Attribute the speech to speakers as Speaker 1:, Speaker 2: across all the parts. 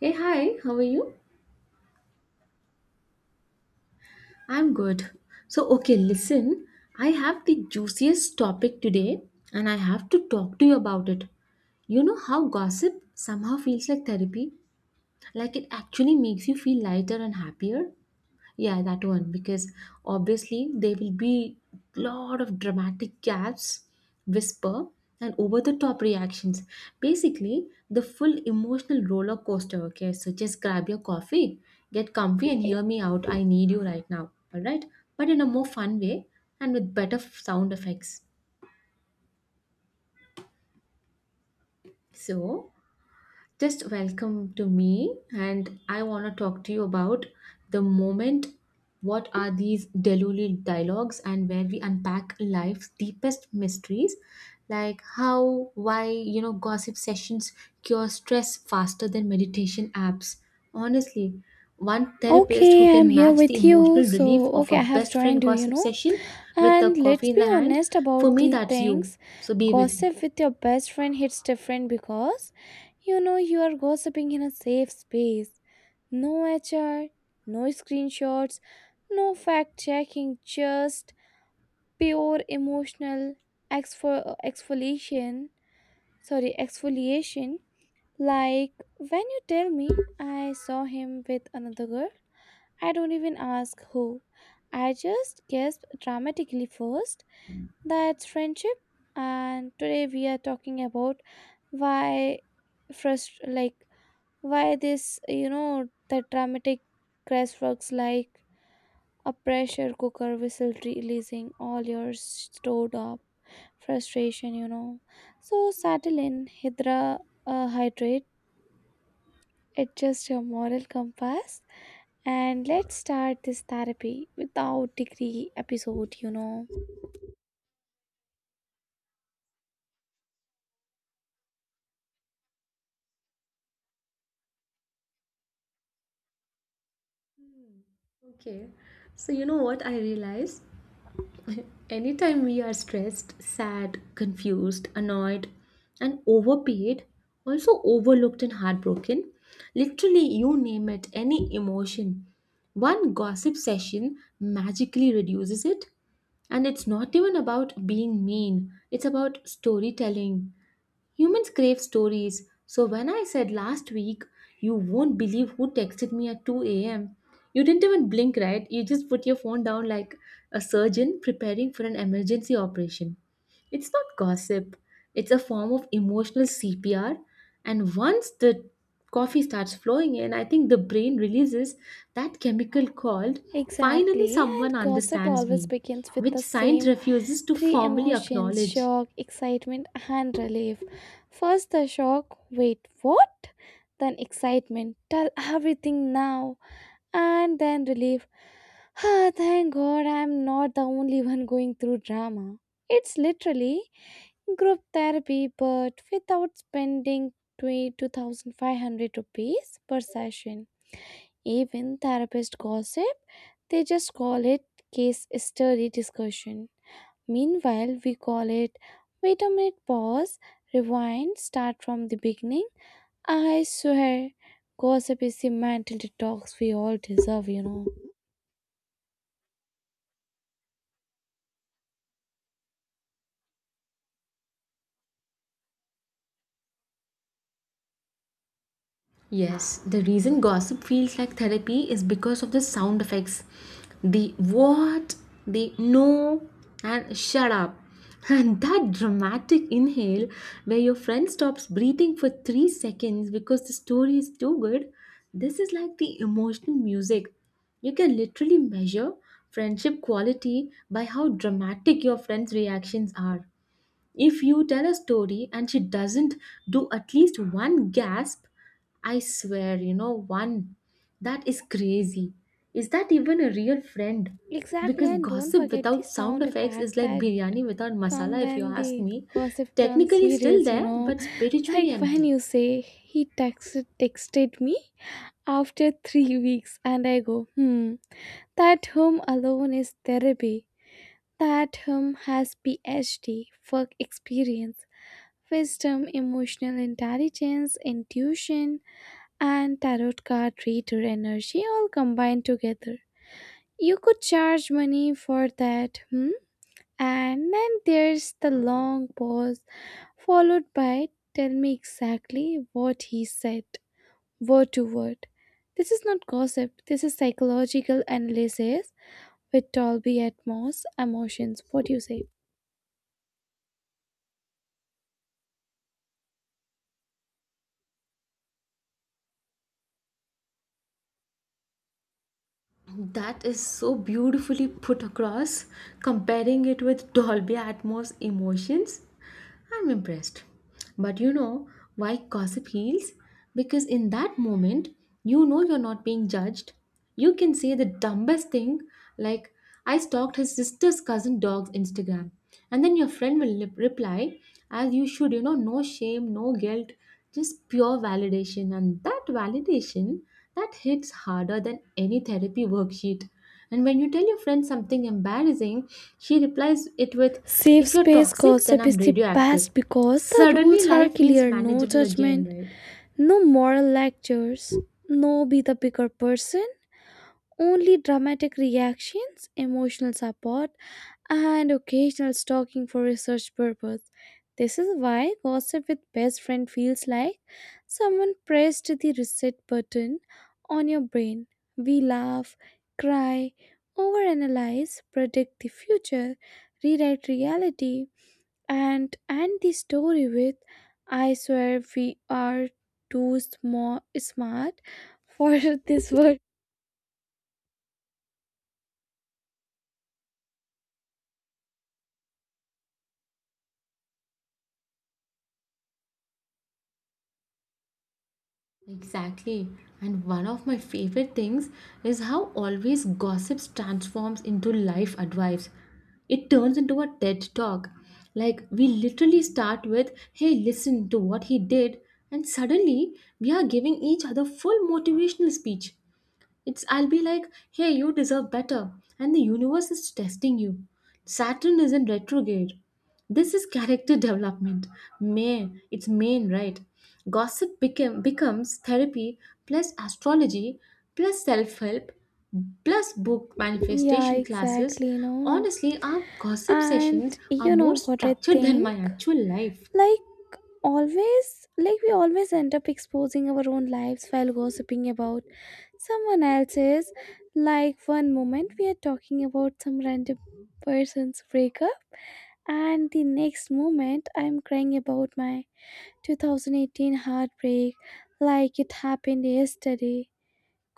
Speaker 1: Hey, hi, how are you? I'm good. Listen, I have the juiciest topic today and I have to talk to you about it. You know how gossip somehow feels like therapy? Like it actually makes you feel lighter and happier? Yeah, that one, because obviously there will be lot of dramatic gaps, whisper, and over the top reactions. Basically, the full emotional roller coaster. Okay, so just grab your coffee, get comfy, and hear me out. I need you right now. All right, but in a more fun way and with better sound effects. So Just welcome to me, and I want to talk to you about the moment. What are these Delulu dialogues, and where we unpack life's deepest mysteries, like how, why, gossip sessions cure stress faster than meditation apps. Honestly, one therapist who
Speaker 2: Okay, I'm
Speaker 1: can
Speaker 2: here
Speaker 1: match the
Speaker 2: with you.
Speaker 1: emotional relief
Speaker 2: So,
Speaker 1: of
Speaker 2: okay,
Speaker 1: a
Speaker 2: I have
Speaker 1: best friend
Speaker 2: joined you, you
Speaker 1: gossip
Speaker 2: know.
Speaker 1: session with a
Speaker 2: And
Speaker 1: coffee
Speaker 2: let's
Speaker 1: in the
Speaker 2: be
Speaker 1: hand,
Speaker 2: honest
Speaker 1: for
Speaker 2: about
Speaker 1: me,
Speaker 2: the
Speaker 1: that's you.
Speaker 2: things.
Speaker 1: So be with me.
Speaker 2: Gossip with your best friend hits different because you are gossiping in a safe space. No HR, no screenshots, no fact checking, just pure emotional exfoliation. Sorry, exfoliation. Like when you tell me I saw him with another girl, I don't even ask who. I just gasp dramatically first. That's friendship. And today we are talking about why frust like why this the dramatic crash works like a pressure cooker whistle releasing all your stored up frustration. So settle in hydrate, adjust your moral compass, and let's start this therapy without degree episode.
Speaker 1: Okay. So you know what I realized? Anytime we are stressed, sad, confused, annoyed, and overpaid, also overlooked and heartbroken, literally you name it, any emotion, one gossip session magically reduces it. And it's not even about being mean, it's about storytelling. Humans crave stories. So when I said last week, you won't believe who texted me at 2 a.m. You didn't even blink, right? You just put your phone down like a surgeon preparing for an emergency operation. It's not gossip, it's a form of emotional CPR. And once the coffee starts flowing in, I think the brain releases that chemical called finally
Speaker 2: Exactly,
Speaker 1: someone
Speaker 2: and gossip
Speaker 1: understands
Speaker 2: always
Speaker 1: me,
Speaker 2: begins with
Speaker 1: which
Speaker 2: the
Speaker 1: science
Speaker 2: same
Speaker 1: refuses to
Speaker 2: three
Speaker 1: formally
Speaker 2: emotions:
Speaker 1: acknowledge.
Speaker 2: shock, excitement, and relief. First, the shock: wait, what? Then excitement: tell everything now. And then relief: ah, thank god, I'm not the only one going through drama. It's literally group therapy but without spending 22,500 rupees per session. Even therapist gossip, they just call it case study discussion. Meanwhile, we call it wait a minute, pause, rewind, start from the beginning. I swear gossip is the mental detox we all deserve.
Speaker 1: Yes, the reason gossip feels like therapy is because of the sound effects. The what, the no, and shut up. And that dramatic inhale where your friend stops breathing for 3 seconds because the story is too good. This is like the emotional music. You can literally measure friendship quality by how dramatic your friend's reactions are. If you tell a story and she doesn't do at least one gasp, I swear, one. That is crazy. Is that even a real friend?
Speaker 2: Exactly,
Speaker 1: Because
Speaker 2: and don't
Speaker 1: gossip
Speaker 2: forget the
Speaker 1: without sound
Speaker 2: sound
Speaker 1: effects
Speaker 2: effect
Speaker 1: is like
Speaker 2: that
Speaker 1: biryani without
Speaker 2: come
Speaker 1: masala, if you
Speaker 2: when
Speaker 1: ask
Speaker 2: the
Speaker 1: me.
Speaker 2: cursive turns
Speaker 1: Technically still
Speaker 2: serious, you
Speaker 1: there,
Speaker 2: know.
Speaker 1: but spiritually
Speaker 2: Like when
Speaker 1: empty.
Speaker 2: you say he texted me after three weeks, and I go, hmm, that home alone is therapy. That home has PhD, work experience, wisdom, emotional intelligence, intuition, and tarot card reader energy all combined together. You could charge money for that, hmm? And then there's the long pause, followed by tell me exactly what he said, word to word. This is not gossip, this is psychological analysis with Dolby Atmos emotions. What do you say?
Speaker 1: That is so beautifully put across, comparing it with Dolby Atmos emotions. I'm impressed. But you know why gossip heals? Because in that moment, you know you're not being judged. You can say the dumbest thing, like, I stalked his sister's cousin dog's Instagram. And then your friend will reply, as you should, no shame, no guilt, just pure validation. And that validation, that hits harder than any therapy worksheet. And when you tell your friend something embarrassing, she replies it with,
Speaker 2: Safe
Speaker 1: if you're
Speaker 2: space
Speaker 1: toxic, then
Speaker 2: gossip
Speaker 1: I'm
Speaker 2: is the
Speaker 1: radioactive.
Speaker 2: best because the
Speaker 1: Suddenly,
Speaker 2: rules are
Speaker 1: life feels
Speaker 2: clear: no
Speaker 1: manageable again,
Speaker 2: judgment,
Speaker 1: right?
Speaker 2: no moral lectures, no be the bigger person, only dramatic reactions, emotional support, and occasional stalking for research purpose. This is why gossip with best friend feels like someone pressed the reset button on your brain. We laugh, cry, overanalyze, predict the future, rewrite reality, and end the story with I swear we are too small smart for this world.
Speaker 1: Exactly. And one of my favorite things is how always gossips transforms into life advice. It turns into a TED talk. Like, we literally start with, hey, listen to what he did, and suddenly we are giving each other full motivational speech. It's I'll be like, hey, you deserve better, and the universe is testing you. Saturn is in retrograde. This is character development. May it's main, right? Gossip became becomes therapy plus astrology plus self-help plus book
Speaker 2: Yeah,
Speaker 1: manifestation classes.
Speaker 2: exactly, no.
Speaker 1: Honestly, our gossip
Speaker 2: And
Speaker 1: sessions are
Speaker 2: you
Speaker 1: more
Speaker 2: know what I
Speaker 1: structured than my
Speaker 2: think?
Speaker 1: actual life.
Speaker 2: Like always like we always end up exposing our own lives while gossiping about someone else's. Like one moment we are talking about some random person's breakup, and the next moment I'm crying about my 2018 heartbreak like it happened yesterday.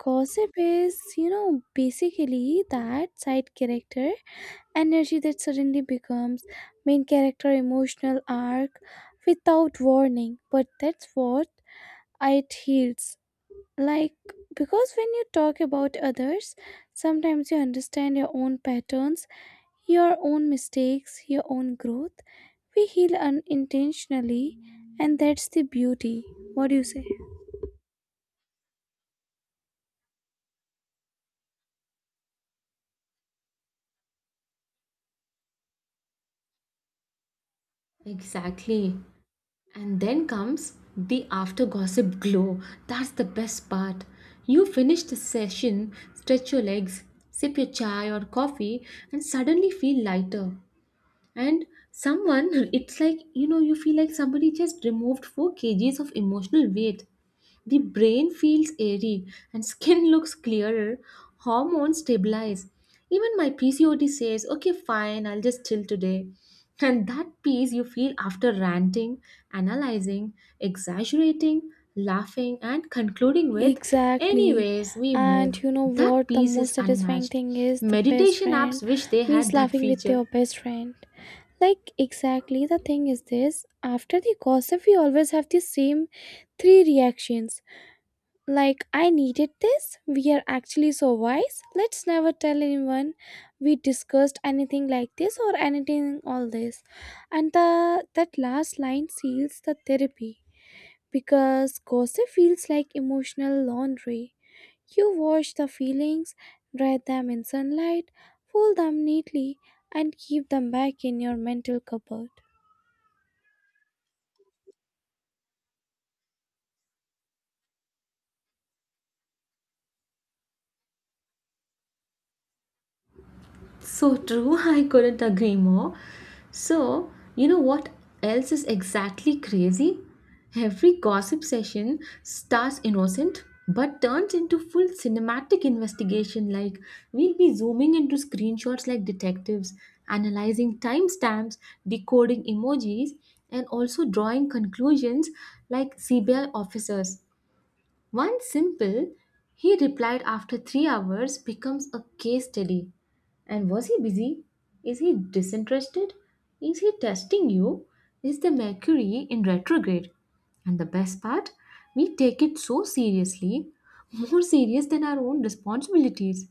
Speaker 2: Gossip is basically that side character energy that suddenly becomes main character emotional arc without warning, but that's what it heals. Like, because when you talk about others, sometimes you understand your own patterns, your own mistakes, your own growth. We heal unintentionally, and that's the beauty. What do you say?
Speaker 1: Exactly. And then comes the after gossip glow. That's the best part. You finish the session, stretch your legs, sip your chai or coffee, and suddenly feel lighter and someone it's like, you know, you feel like somebody just removed 4 kgs of emotional weight. The brain feels airy and skin looks clearer, hormones stabilize. Even my pcod says okay fine, I'll just chill today. And that peace you feel after ranting, analyzing, exaggerating, laughing, and concluding with
Speaker 2: Exactly.
Speaker 1: anyways we
Speaker 2: And
Speaker 1: move,
Speaker 2: you know
Speaker 1: that
Speaker 2: what? The
Speaker 1: peace is
Speaker 2: most satisfying
Speaker 1: unmatched.
Speaker 2: thing is the best
Speaker 1: Meditation apps
Speaker 2: friend
Speaker 1: wish they had
Speaker 2: means
Speaker 1: that
Speaker 2: laughing with
Speaker 1: feature.
Speaker 2: your best friend. Like, exactly the thing is this: after the gossip, we always have the same three reactions. Like, I needed this, we are actually so wise, let's never tell anyone we discussed anything like this or anything all this. And that last line seals the therapy because gossip feels like emotional laundry. You wash the feelings, dry them in sunlight, fold them neatly, and keep them back in your mental cupboard.
Speaker 1: So true, I couldn't agree more. So, you know what else is exactly crazy? Every gossip session starts innocent but turns into full cinematic investigation. Like, we'll be zooming into screenshots like detectives, analyzing timestamps, decoding emojis, and also drawing conclusions like CBI officers. One simple, he replied after 3 hours, becomes a case study. And was he busy? Is he disinterested? Is he testing you? Is the Mercury in retrograde? And the best part, we take it so seriously, more serious than our own responsibilities.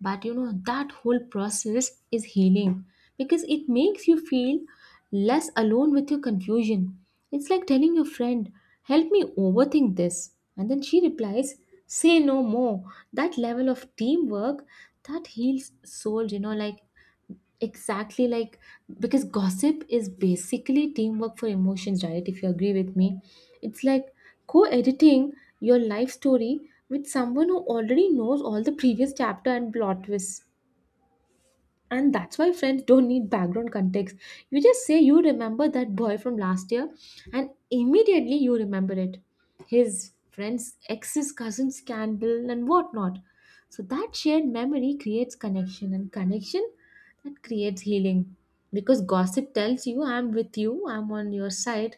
Speaker 1: But you know, that whole process is healing because it makes you feel less alone with your confusion. It's like telling your friend, help me overthink this. And then she replies, say no more. That level of teamwork that heals souls, exactly like because gossip is basically teamwork for emotions, right? If you agree with me, it's like co editing your life story with someone who already knows all the previous chapter and plot twists. And that's why friends don't need background context. You just say you remember that boy from last year, and immediately you remember it, his friends, ex's cousin scandal and whatnot. So that shared memory creates connection, and connection that creates healing, because gossip tells you I'm with you, I'm on your side,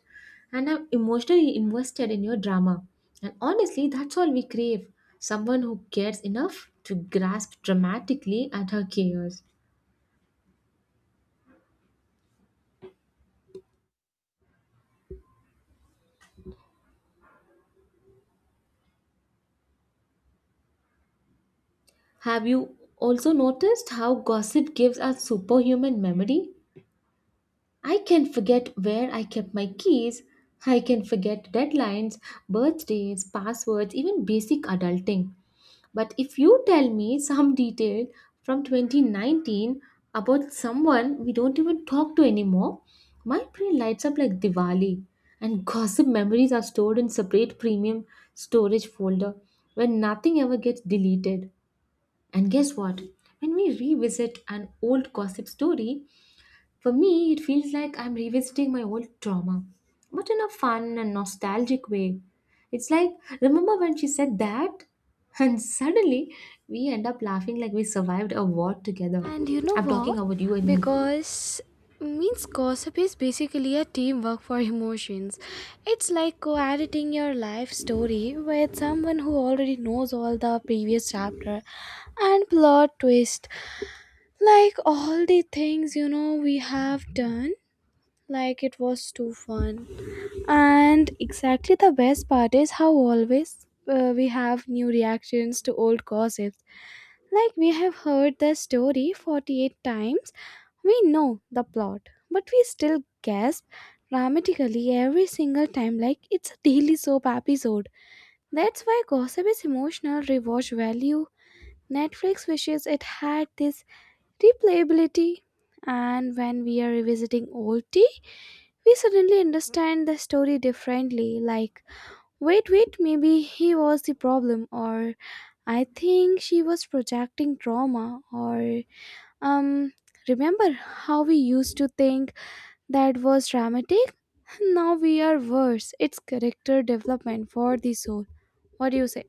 Speaker 1: and I'm emotionally invested in your drama. And honestly, that's all we crave, someone who cares enough to grasp dramatically at her chaos. Have you also noticed how gossip gives us superhuman memory? I can forget where I kept my keys. I can forget deadlines, birthdays, passwords, even basic adulting. But if you tell me some detail from 2019 about someone we don't even talk to anymore, my brain lights up like Diwali. And gossip memories are stored in separate premium storage folder where nothing ever gets deleted. And guess what? When we revisit an old gossip story, for me it feels like I'm revisiting my old trauma, but in a fun and nostalgic way. It's like, remember when she said that? And suddenly we end up laughing like we survived a war together.
Speaker 2: And you know
Speaker 1: I'm talking
Speaker 2: what?
Speaker 1: about you and me.
Speaker 2: Because means gossip is basically a teamwork for emotions. It's like co-editing your life story with someone who already knows all the previous chapter and plot twist. Like all the things we have done. Like it was too fun. And exactly the best part is how always we have new reactions to old gossips. Like we have heard the story 48 times, we know the plot, but we still gasp dramatically every single time like it's a daily soap episode. That's why gossip is emotional rewatch value. Netflix wishes it had this replayability. And when we are revisiting old tea, we suddenly understand the story differently, like wait, wait, maybe he was the problem, or I think she was projecting trauma, or um, remember how we used to think that was dramatic? Now we are worse. It's character development for the soul. What do you say?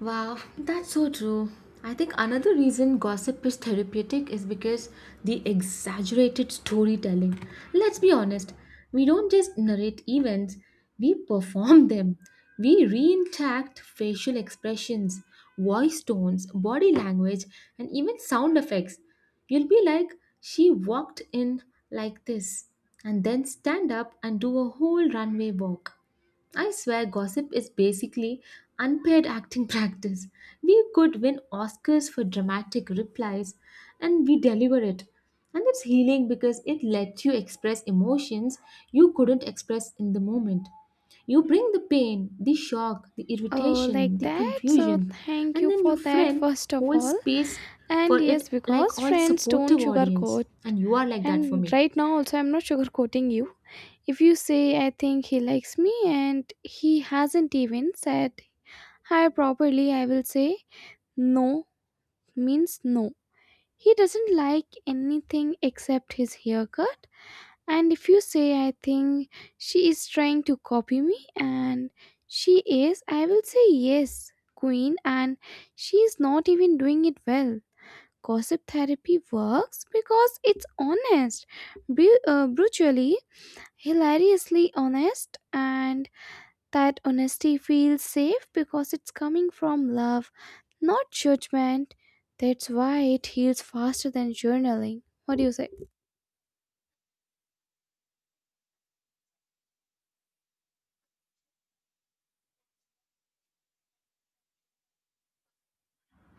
Speaker 1: Wow, that's so true. I think another reason gossip is therapeutic is because the exaggerated storytelling. Let's be honest, we don't just narrate events, we perform them. We reenact facial expressions, voice tones, body language, and even sound effects. You'll be like, she walked in like this, and then stand up and do a whole runway walk. I swear gossip is basically unpaid acting practice. We could win Oscars for dramatic replies and we deliver it. And it's healing because it lets you express emotions you couldn't express in the moment. You bring the pain, the shock, the
Speaker 2: Oh,
Speaker 1: irritation,
Speaker 2: like
Speaker 1: the
Speaker 2: that? So,
Speaker 1: confusion,
Speaker 2: thank
Speaker 1: and
Speaker 2: you
Speaker 1: then your
Speaker 2: for that,
Speaker 1: friend
Speaker 2: first of
Speaker 1: holds
Speaker 2: all.
Speaker 1: space for
Speaker 2: And yes,
Speaker 1: it like
Speaker 2: because
Speaker 1: all
Speaker 2: friends don't
Speaker 1: supportive audience.
Speaker 2: sugarcoat.
Speaker 1: And you are like that for
Speaker 2: And
Speaker 1: me.
Speaker 2: right now, also, I'm not sugarcoating you. If you say, I think he likes me and he hasn't even said hi properly, I will say, no means no. He doesn't like anything except his haircut. And if you say, I think she is trying to copy me and she is, I will say, yes, queen, and she is not even doing it well. Gossip therapy works because it's honest, brutally, hilariously honest, and that honesty feels safe because it's coming from love, not judgment. That's why it heals faster than journaling. What do you say?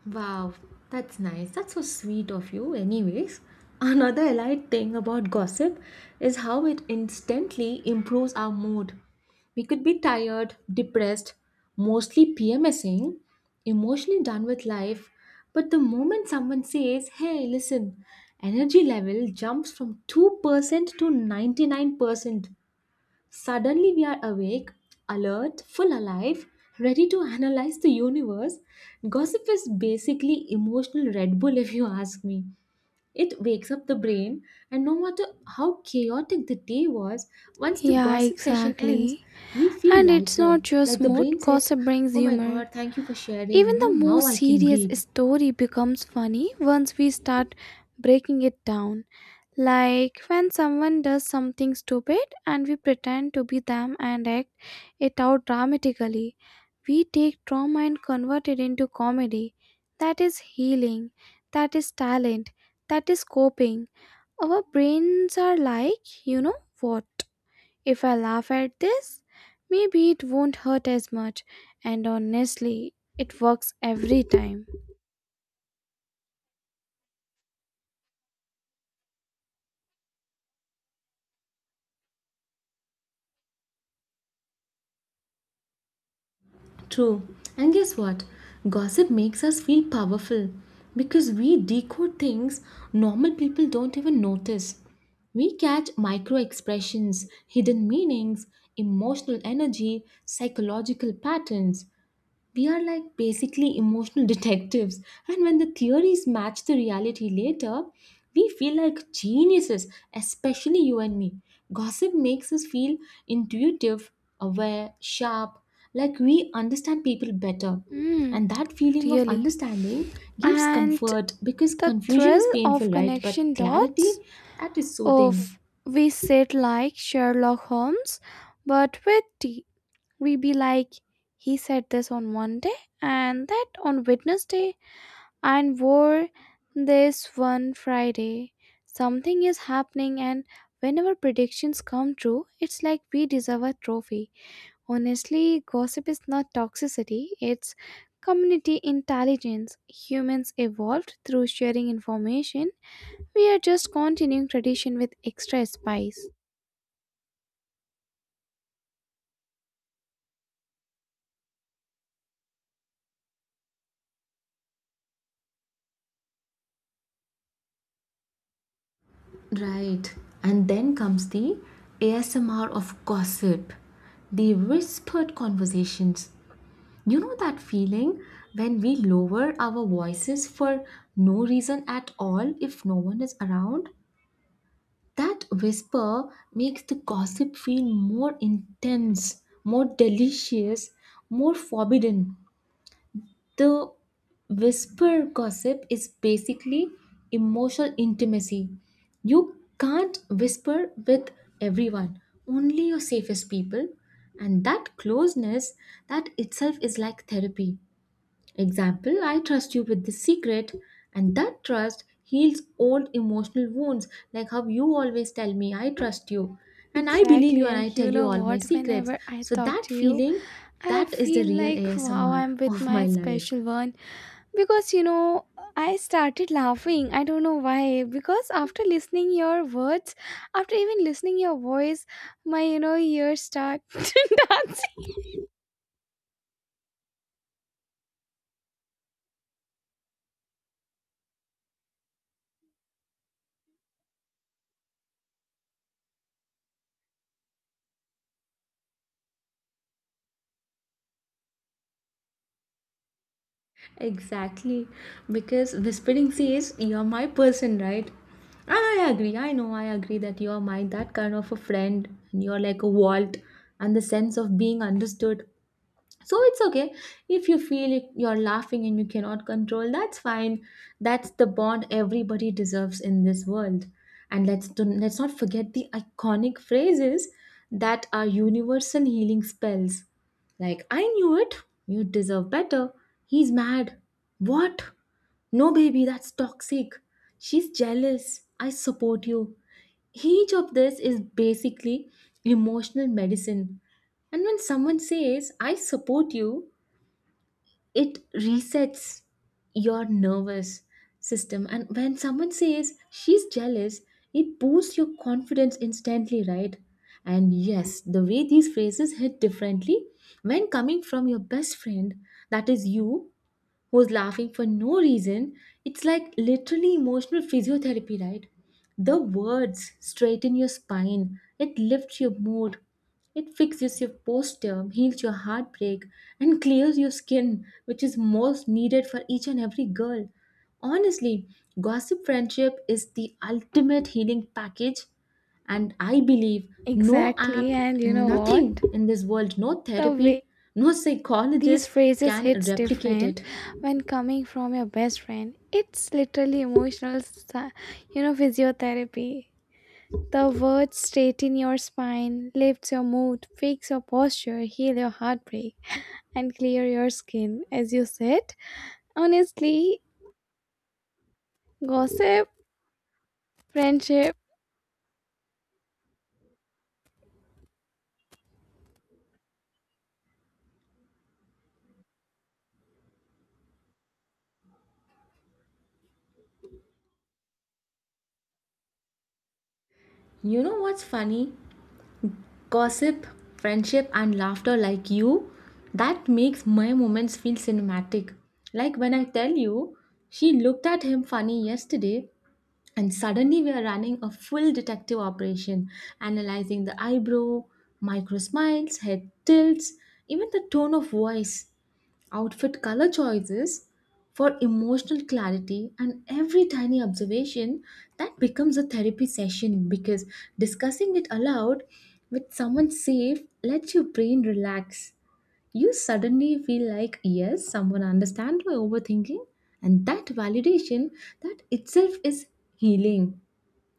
Speaker 1: Wow, that's nice. That's so sweet of you, anyways. Another allied thing about gossip is how it instantly improves our mood. We could be tired, depressed, mostly PMSing, emotionally done with life, but the moment someone says, hey, listen, energy level jumps from 2% to 99%. Suddenly, we are awake, alert, full alive, ready to analyze the universe. Gossip is basically emotional Red Bull, if you ask me. It wakes up the brain, and no matter how chaotic the day was, once the
Speaker 2: Yeah,
Speaker 1: gossip session ends,
Speaker 2: exactly.
Speaker 1: we feel
Speaker 2: And it's
Speaker 1: lighter.
Speaker 2: not just
Speaker 1: Like the
Speaker 2: mood,
Speaker 1: brain says,
Speaker 2: gossip brings
Speaker 1: oh my
Speaker 2: humor.
Speaker 1: god, thank you for
Speaker 2: Even
Speaker 1: sharing. No,
Speaker 2: the
Speaker 1: now
Speaker 2: most
Speaker 1: I can
Speaker 2: serious
Speaker 1: breathe.
Speaker 2: story becomes funny once we start breaking it down. Like when someone does something stupid and we pretend to be them and act it out dramatically. We take trauma and convert it into comedy. That is healing. That is talent. That is coping. Our brains are like, you know what? If I laugh at this, maybe it won't hurt as much, and honestly, it works every time.
Speaker 1: True. And guess what? Gossip makes us feel powerful because we decode things normal people don't even notice. We catch micro expressions, hidden meanings, emotional energy, psychological patterns. We are like basically emotional detectives, and when the theories match the reality later, we feel like geniuses, especially you and me. Gossip makes us feel intuitive, aware, sharp, like we understand people better.
Speaker 2: Hmm,
Speaker 1: And that feeling of
Speaker 2: really.
Speaker 1: understanding gives
Speaker 2: And
Speaker 1: comfort because
Speaker 2: the
Speaker 1: confusion
Speaker 2: thrill
Speaker 1: is
Speaker 2: of
Speaker 1: painful, right? But
Speaker 2: connection
Speaker 1: clarity,
Speaker 2: dots
Speaker 1: that is soothing.
Speaker 2: of we sit like Sherlock Holmes, but with tea. We be like, he said this on Monday and that on Wednesday and wore this one Friday. Something is happening, and whenever predictions come true, it's like we deserve a trophy. Honestly, gossip is not toxicity, it's community intelligence. Humans evolved through sharing information. We are just continuing tradition with extra spice.
Speaker 1: Right. And then comes the ASMR of gossip, the whispered conversations. You know that feeling when we lower our voices for no reason at all if no one is around? That whisper makes the gossip feel more intense, more delicious, more forbidden. The whisper gossip is basically emotional intimacy. You can't whisper with everyone, only your safest people. And that closeness, that itself is like therapy. Example, I trust you with this secret, and that trust heals old emotional wounds, like how you always tell me, I trust you, and I believe
Speaker 2: Exactly,
Speaker 1: you, and I
Speaker 2: and
Speaker 1: tell
Speaker 2: you
Speaker 1: you
Speaker 2: know
Speaker 1: all my
Speaker 2: what?
Speaker 1: secrets.
Speaker 2: Whenever I
Speaker 1: So,
Speaker 2: talk
Speaker 1: that
Speaker 2: to you,
Speaker 1: feeling,
Speaker 2: I
Speaker 1: that is the
Speaker 2: feel
Speaker 1: real
Speaker 2: like wow,
Speaker 1: ASMR
Speaker 2: I'm with
Speaker 1: of my
Speaker 2: my
Speaker 1: life.
Speaker 2: special one, because I started laughing. I don't know why, because after listening your words, after even listening your voice, my ears start dancing.
Speaker 1: Exactly, because whispering says you're my person, right? And I agree, I know, I agree that you're my that kind of a friend, and you're like a vault, and the sense of being understood, so it's okay if you feel it- you're laughing and you cannot control, that's fine. That's the bond everybody deserves in this world. And let's not forget the iconic phrases that are universal healing spells, like I knew it, you deserve better, he's mad, what, no baby that's toxic, she's jealous, I support you. Each of this is basically emotional medicine. And when someone says, I support you, it resets your nervous system. And when someone says, she's jealous, it boosts your confidence instantly, right? And yes, the way these phrases hit differently when coming from your best friend, that is you, who's laughing for no reason. It's like literally emotional physiotherapy, right? The words straighten your spine, it lifts your mood, it fixes your posture, heals your heartbreak, and clears your skin, which is most needed for each and every girl. Honestly, gossip friendship is the ultimate healing package, and I believe no
Speaker 2: Exactly,
Speaker 1: app,
Speaker 2: and you know what?
Speaker 1: nothing in this world, no
Speaker 2: The
Speaker 1: therapy,
Speaker 2: way
Speaker 1: no
Speaker 2: these
Speaker 1: psychologist
Speaker 2: phrases
Speaker 1: can
Speaker 2: hits
Speaker 1: replicate
Speaker 2: different
Speaker 1: it.
Speaker 2: when coming from your best friend. It's literally emotional, physiotherapy. The words straighten your spine, lift your mood, fix your posture, heal your heartbreak, and clear your skin as you sit. Honestly, gossip, friendship,
Speaker 1: You know what's funny? Gossip, friendship, and laughter like you, that makes my moments feel cinematic. Like when I tell you, she looked at him funny yesterday, and suddenly we are running a full detective operation, analyzing the eyebrow, micro smiles, head tilts, even the tone of voice, outfit color choices, for emotional clarity. And every tiny observation that becomes a therapy session, because discussing it aloud with someone safe lets your brain relax. You suddenly feel like, yes, someone understands my overthinking, and that validation, that itself is healing.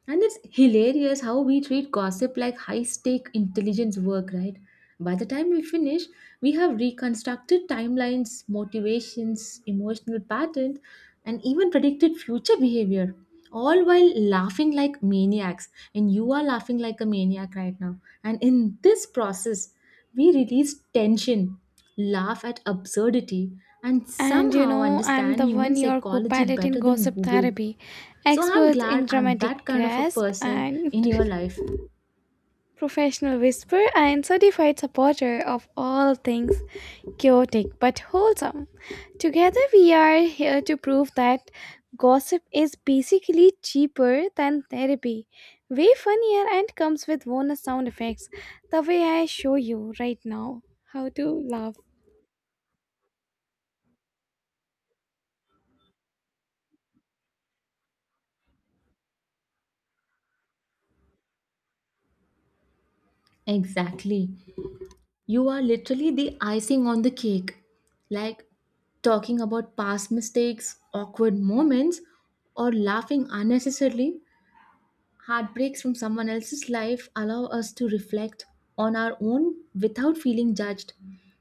Speaker 1: And it's hilarious how we treat gossip like high stake intelligence work, right? By the time we finish, we have reconstructed timelines, motivations, emotional patterns, and even predicted future behavior, all while laughing like maniacs. And you are laughing like a maniac right now. And in this process, we release tension, laugh at absurdity, and
Speaker 2: and
Speaker 1: somehow
Speaker 2: I'm
Speaker 1: understand
Speaker 2: the
Speaker 1: human
Speaker 2: one your co
Speaker 1: psychology
Speaker 2: pilot in
Speaker 1: better than
Speaker 2: gossip
Speaker 1: Google.
Speaker 2: therapy,
Speaker 1: So I'm
Speaker 2: expert
Speaker 1: glad
Speaker 2: in
Speaker 1: I'm
Speaker 2: dramatic
Speaker 1: that kind of a
Speaker 2: grasp
Speaker 1: person
Speaker 2: and
Speaker 1: in your life.
Speaker 2: professional whisper and certified supporter of all things chaotic but wholesome. Together, we are here to prove that gossip is basically cheaper than therapy, way funnier, and comes with bonus sound effects the way I show you right now how to laugh.
Speaker 1: Exactly. You are literally the icing on the cake. Like talking about past mistakes, awkward moments, or laughing unnecessarily, heartbreaks from someone else's life allow us to reflect on our own without feeling judged.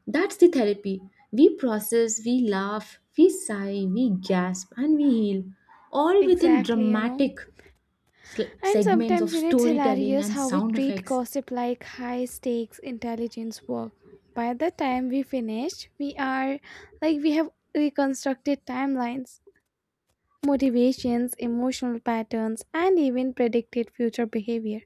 Speaker 1: That's the therapy. We process, we laugh, we sigh, we gasp, and we heal, all within
Speaker 2: Exactly.
Speaker 1: dramatic
Speaker 2: And
Speaker 1: segments
Speaker 2: sometimes,
Speaker 1: of
Speaker 2: you know, it's
Speaker 1: storytelling
Speaker 2: hilarious
Speaker 1: and
Speaker 2: how we
Speaker 1: sound
Speaker 2: treat
Speaker 1: effects.
Speaker 2: gossip like high stakes intelligence work. By the time we finish, we are like we have reconstructed timelines, motivations, emotional patterns, and even predicted future behavior,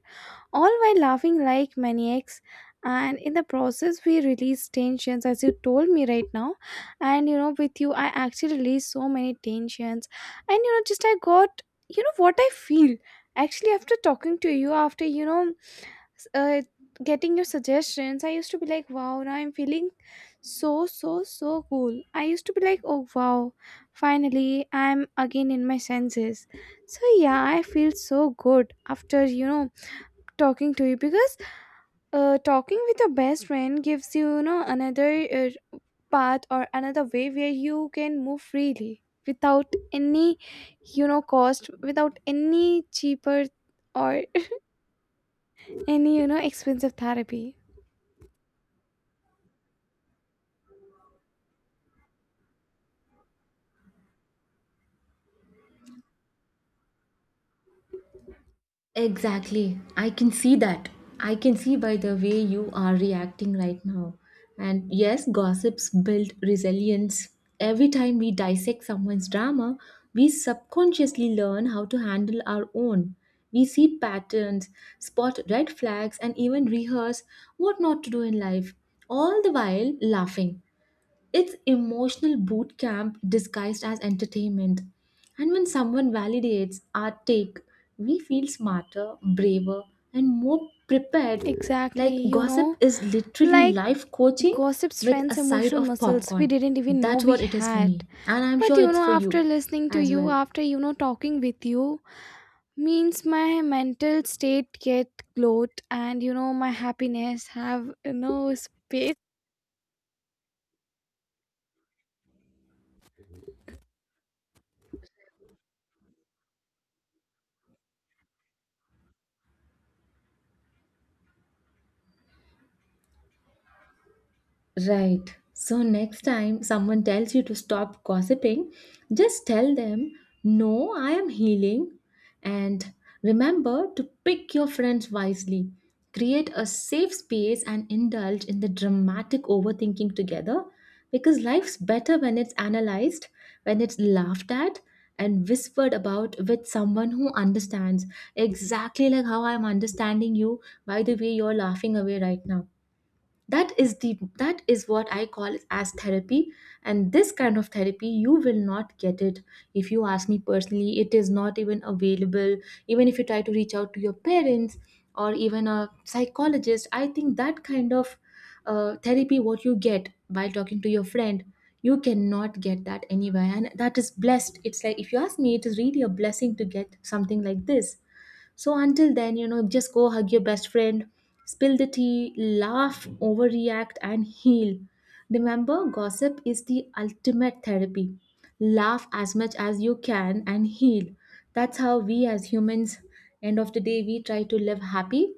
Speaker 2: all while laughing like maniacs. And in the process, we release tensions, as you told me right now. And with you, I actually released so many tensions. And just I got, what I feel actually after talking to you, after uh, getting your suggestions. I used to be like wow, now I'm feeling so, so, so cool. I used to be like oh wow, finally I'm again in my senses. So yeah, I feel so good after talking to you, because talking with your best friend gives you you know another uh, path or another way where you can move freely without any cost, without any cheaper or any expensive therapy.
Speaker 1: Exactly. I can see that. I can see by the way you are reacting right now. And yes, gossips build resilience. Every time we dissect someone's drama, we subconsciously learn how to handle our own. We see patterns, spot red flags, and even rehearse what not to do in life, all the while laughing. It's emotional boot camp disguised as entertainment. And when someone validates our take, we feel smarter, braver, and more prepared.
Speaker 2: Exactly,
Speaker 1: Like gossip is literally
Speaker 2: like
Speaker 1: life coaching
Speaker 2: gossip
Speaker 1: with a
Speaker 2: strengthens
Speaker 1: side
Speaker 2: emotional
Speaker 1: of
Speaker 2: muscles we
Speaker 1: popcorn.
Speaker 2: didn't even know
Speaker 1: That's
Speaker 2: we
Speaker 1: what it is for
Speaker 2: had.
Speaker 1: me. And I'm
Speaker 2: But
Speaker 1: sure it's for
Speaker 2: after
Speaker 1: you
Speaker 2: listening to
Speaker 1: as
Speaker 2: you,
Speaker 1: well.
Speaker 2: after talking with you, means my mental state get gloat and my happiness have space.
Speaker 1: Right. So next time someone tells you to stop gossiping, just tell them, no, I am healing. And remember to pick your friends wisely. Create a safe space and indulge in the dramatic overthinking together, because life's better when it's analyzed, when it's laughed at, and whispered about with someone who understands, exactly like how I'm understanding you by the way you're laughing away right now. That is the, that is what I call as therapy. And this kind of therapy you will not get it, if you ask me personally it is not even available, even if you try to reach out to your parents or even a psychologist. I think that kind of therapy what you get by talking to your friend, you cannot get that anywhere, and that is blessed. It's like, if you ask me, it is really a blessing to get something like this. So until then, you know, just go hug your best friend, spill the tea, laugh, overreact, and heal. Remember, gossip is the ultimate therapy. Laugh as much as you can and heal. That's how we as humans, end of the day, we try to live happy.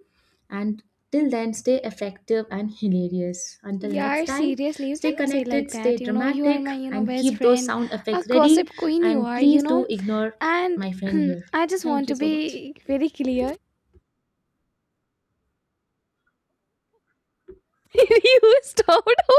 Speaker 1: And till then, stay effective and hilarious. Until next
Speaker 2: Yeah,
Speaker 1: time,
Speaker 2: seriously, you
Speaker 1: stay
Speaker 2: cannot say like
Speaker 1: connected, stay
Speaker 2: that. You are
Speaker 1: dramatic,
Speaker 2: my
Speaker 1: and
Speaker 2: best
Speaker 1: keep those
Speaker 2: friend,
Speaker 1: sound
Speaker 2: a
Speaker 1: effects ready.
Speaker 2: gossip queen. You
Speaker 1: And
Speaker 2: are,
Speaker 1: please do ignore
Speaker 2: and
Speaker 1: my friend here.
Speaker 2: I just want
Speaker 1: Thank you
Speaker 2: to
Speaker 1: so much.
Speaker 2: be very clear. you stopped.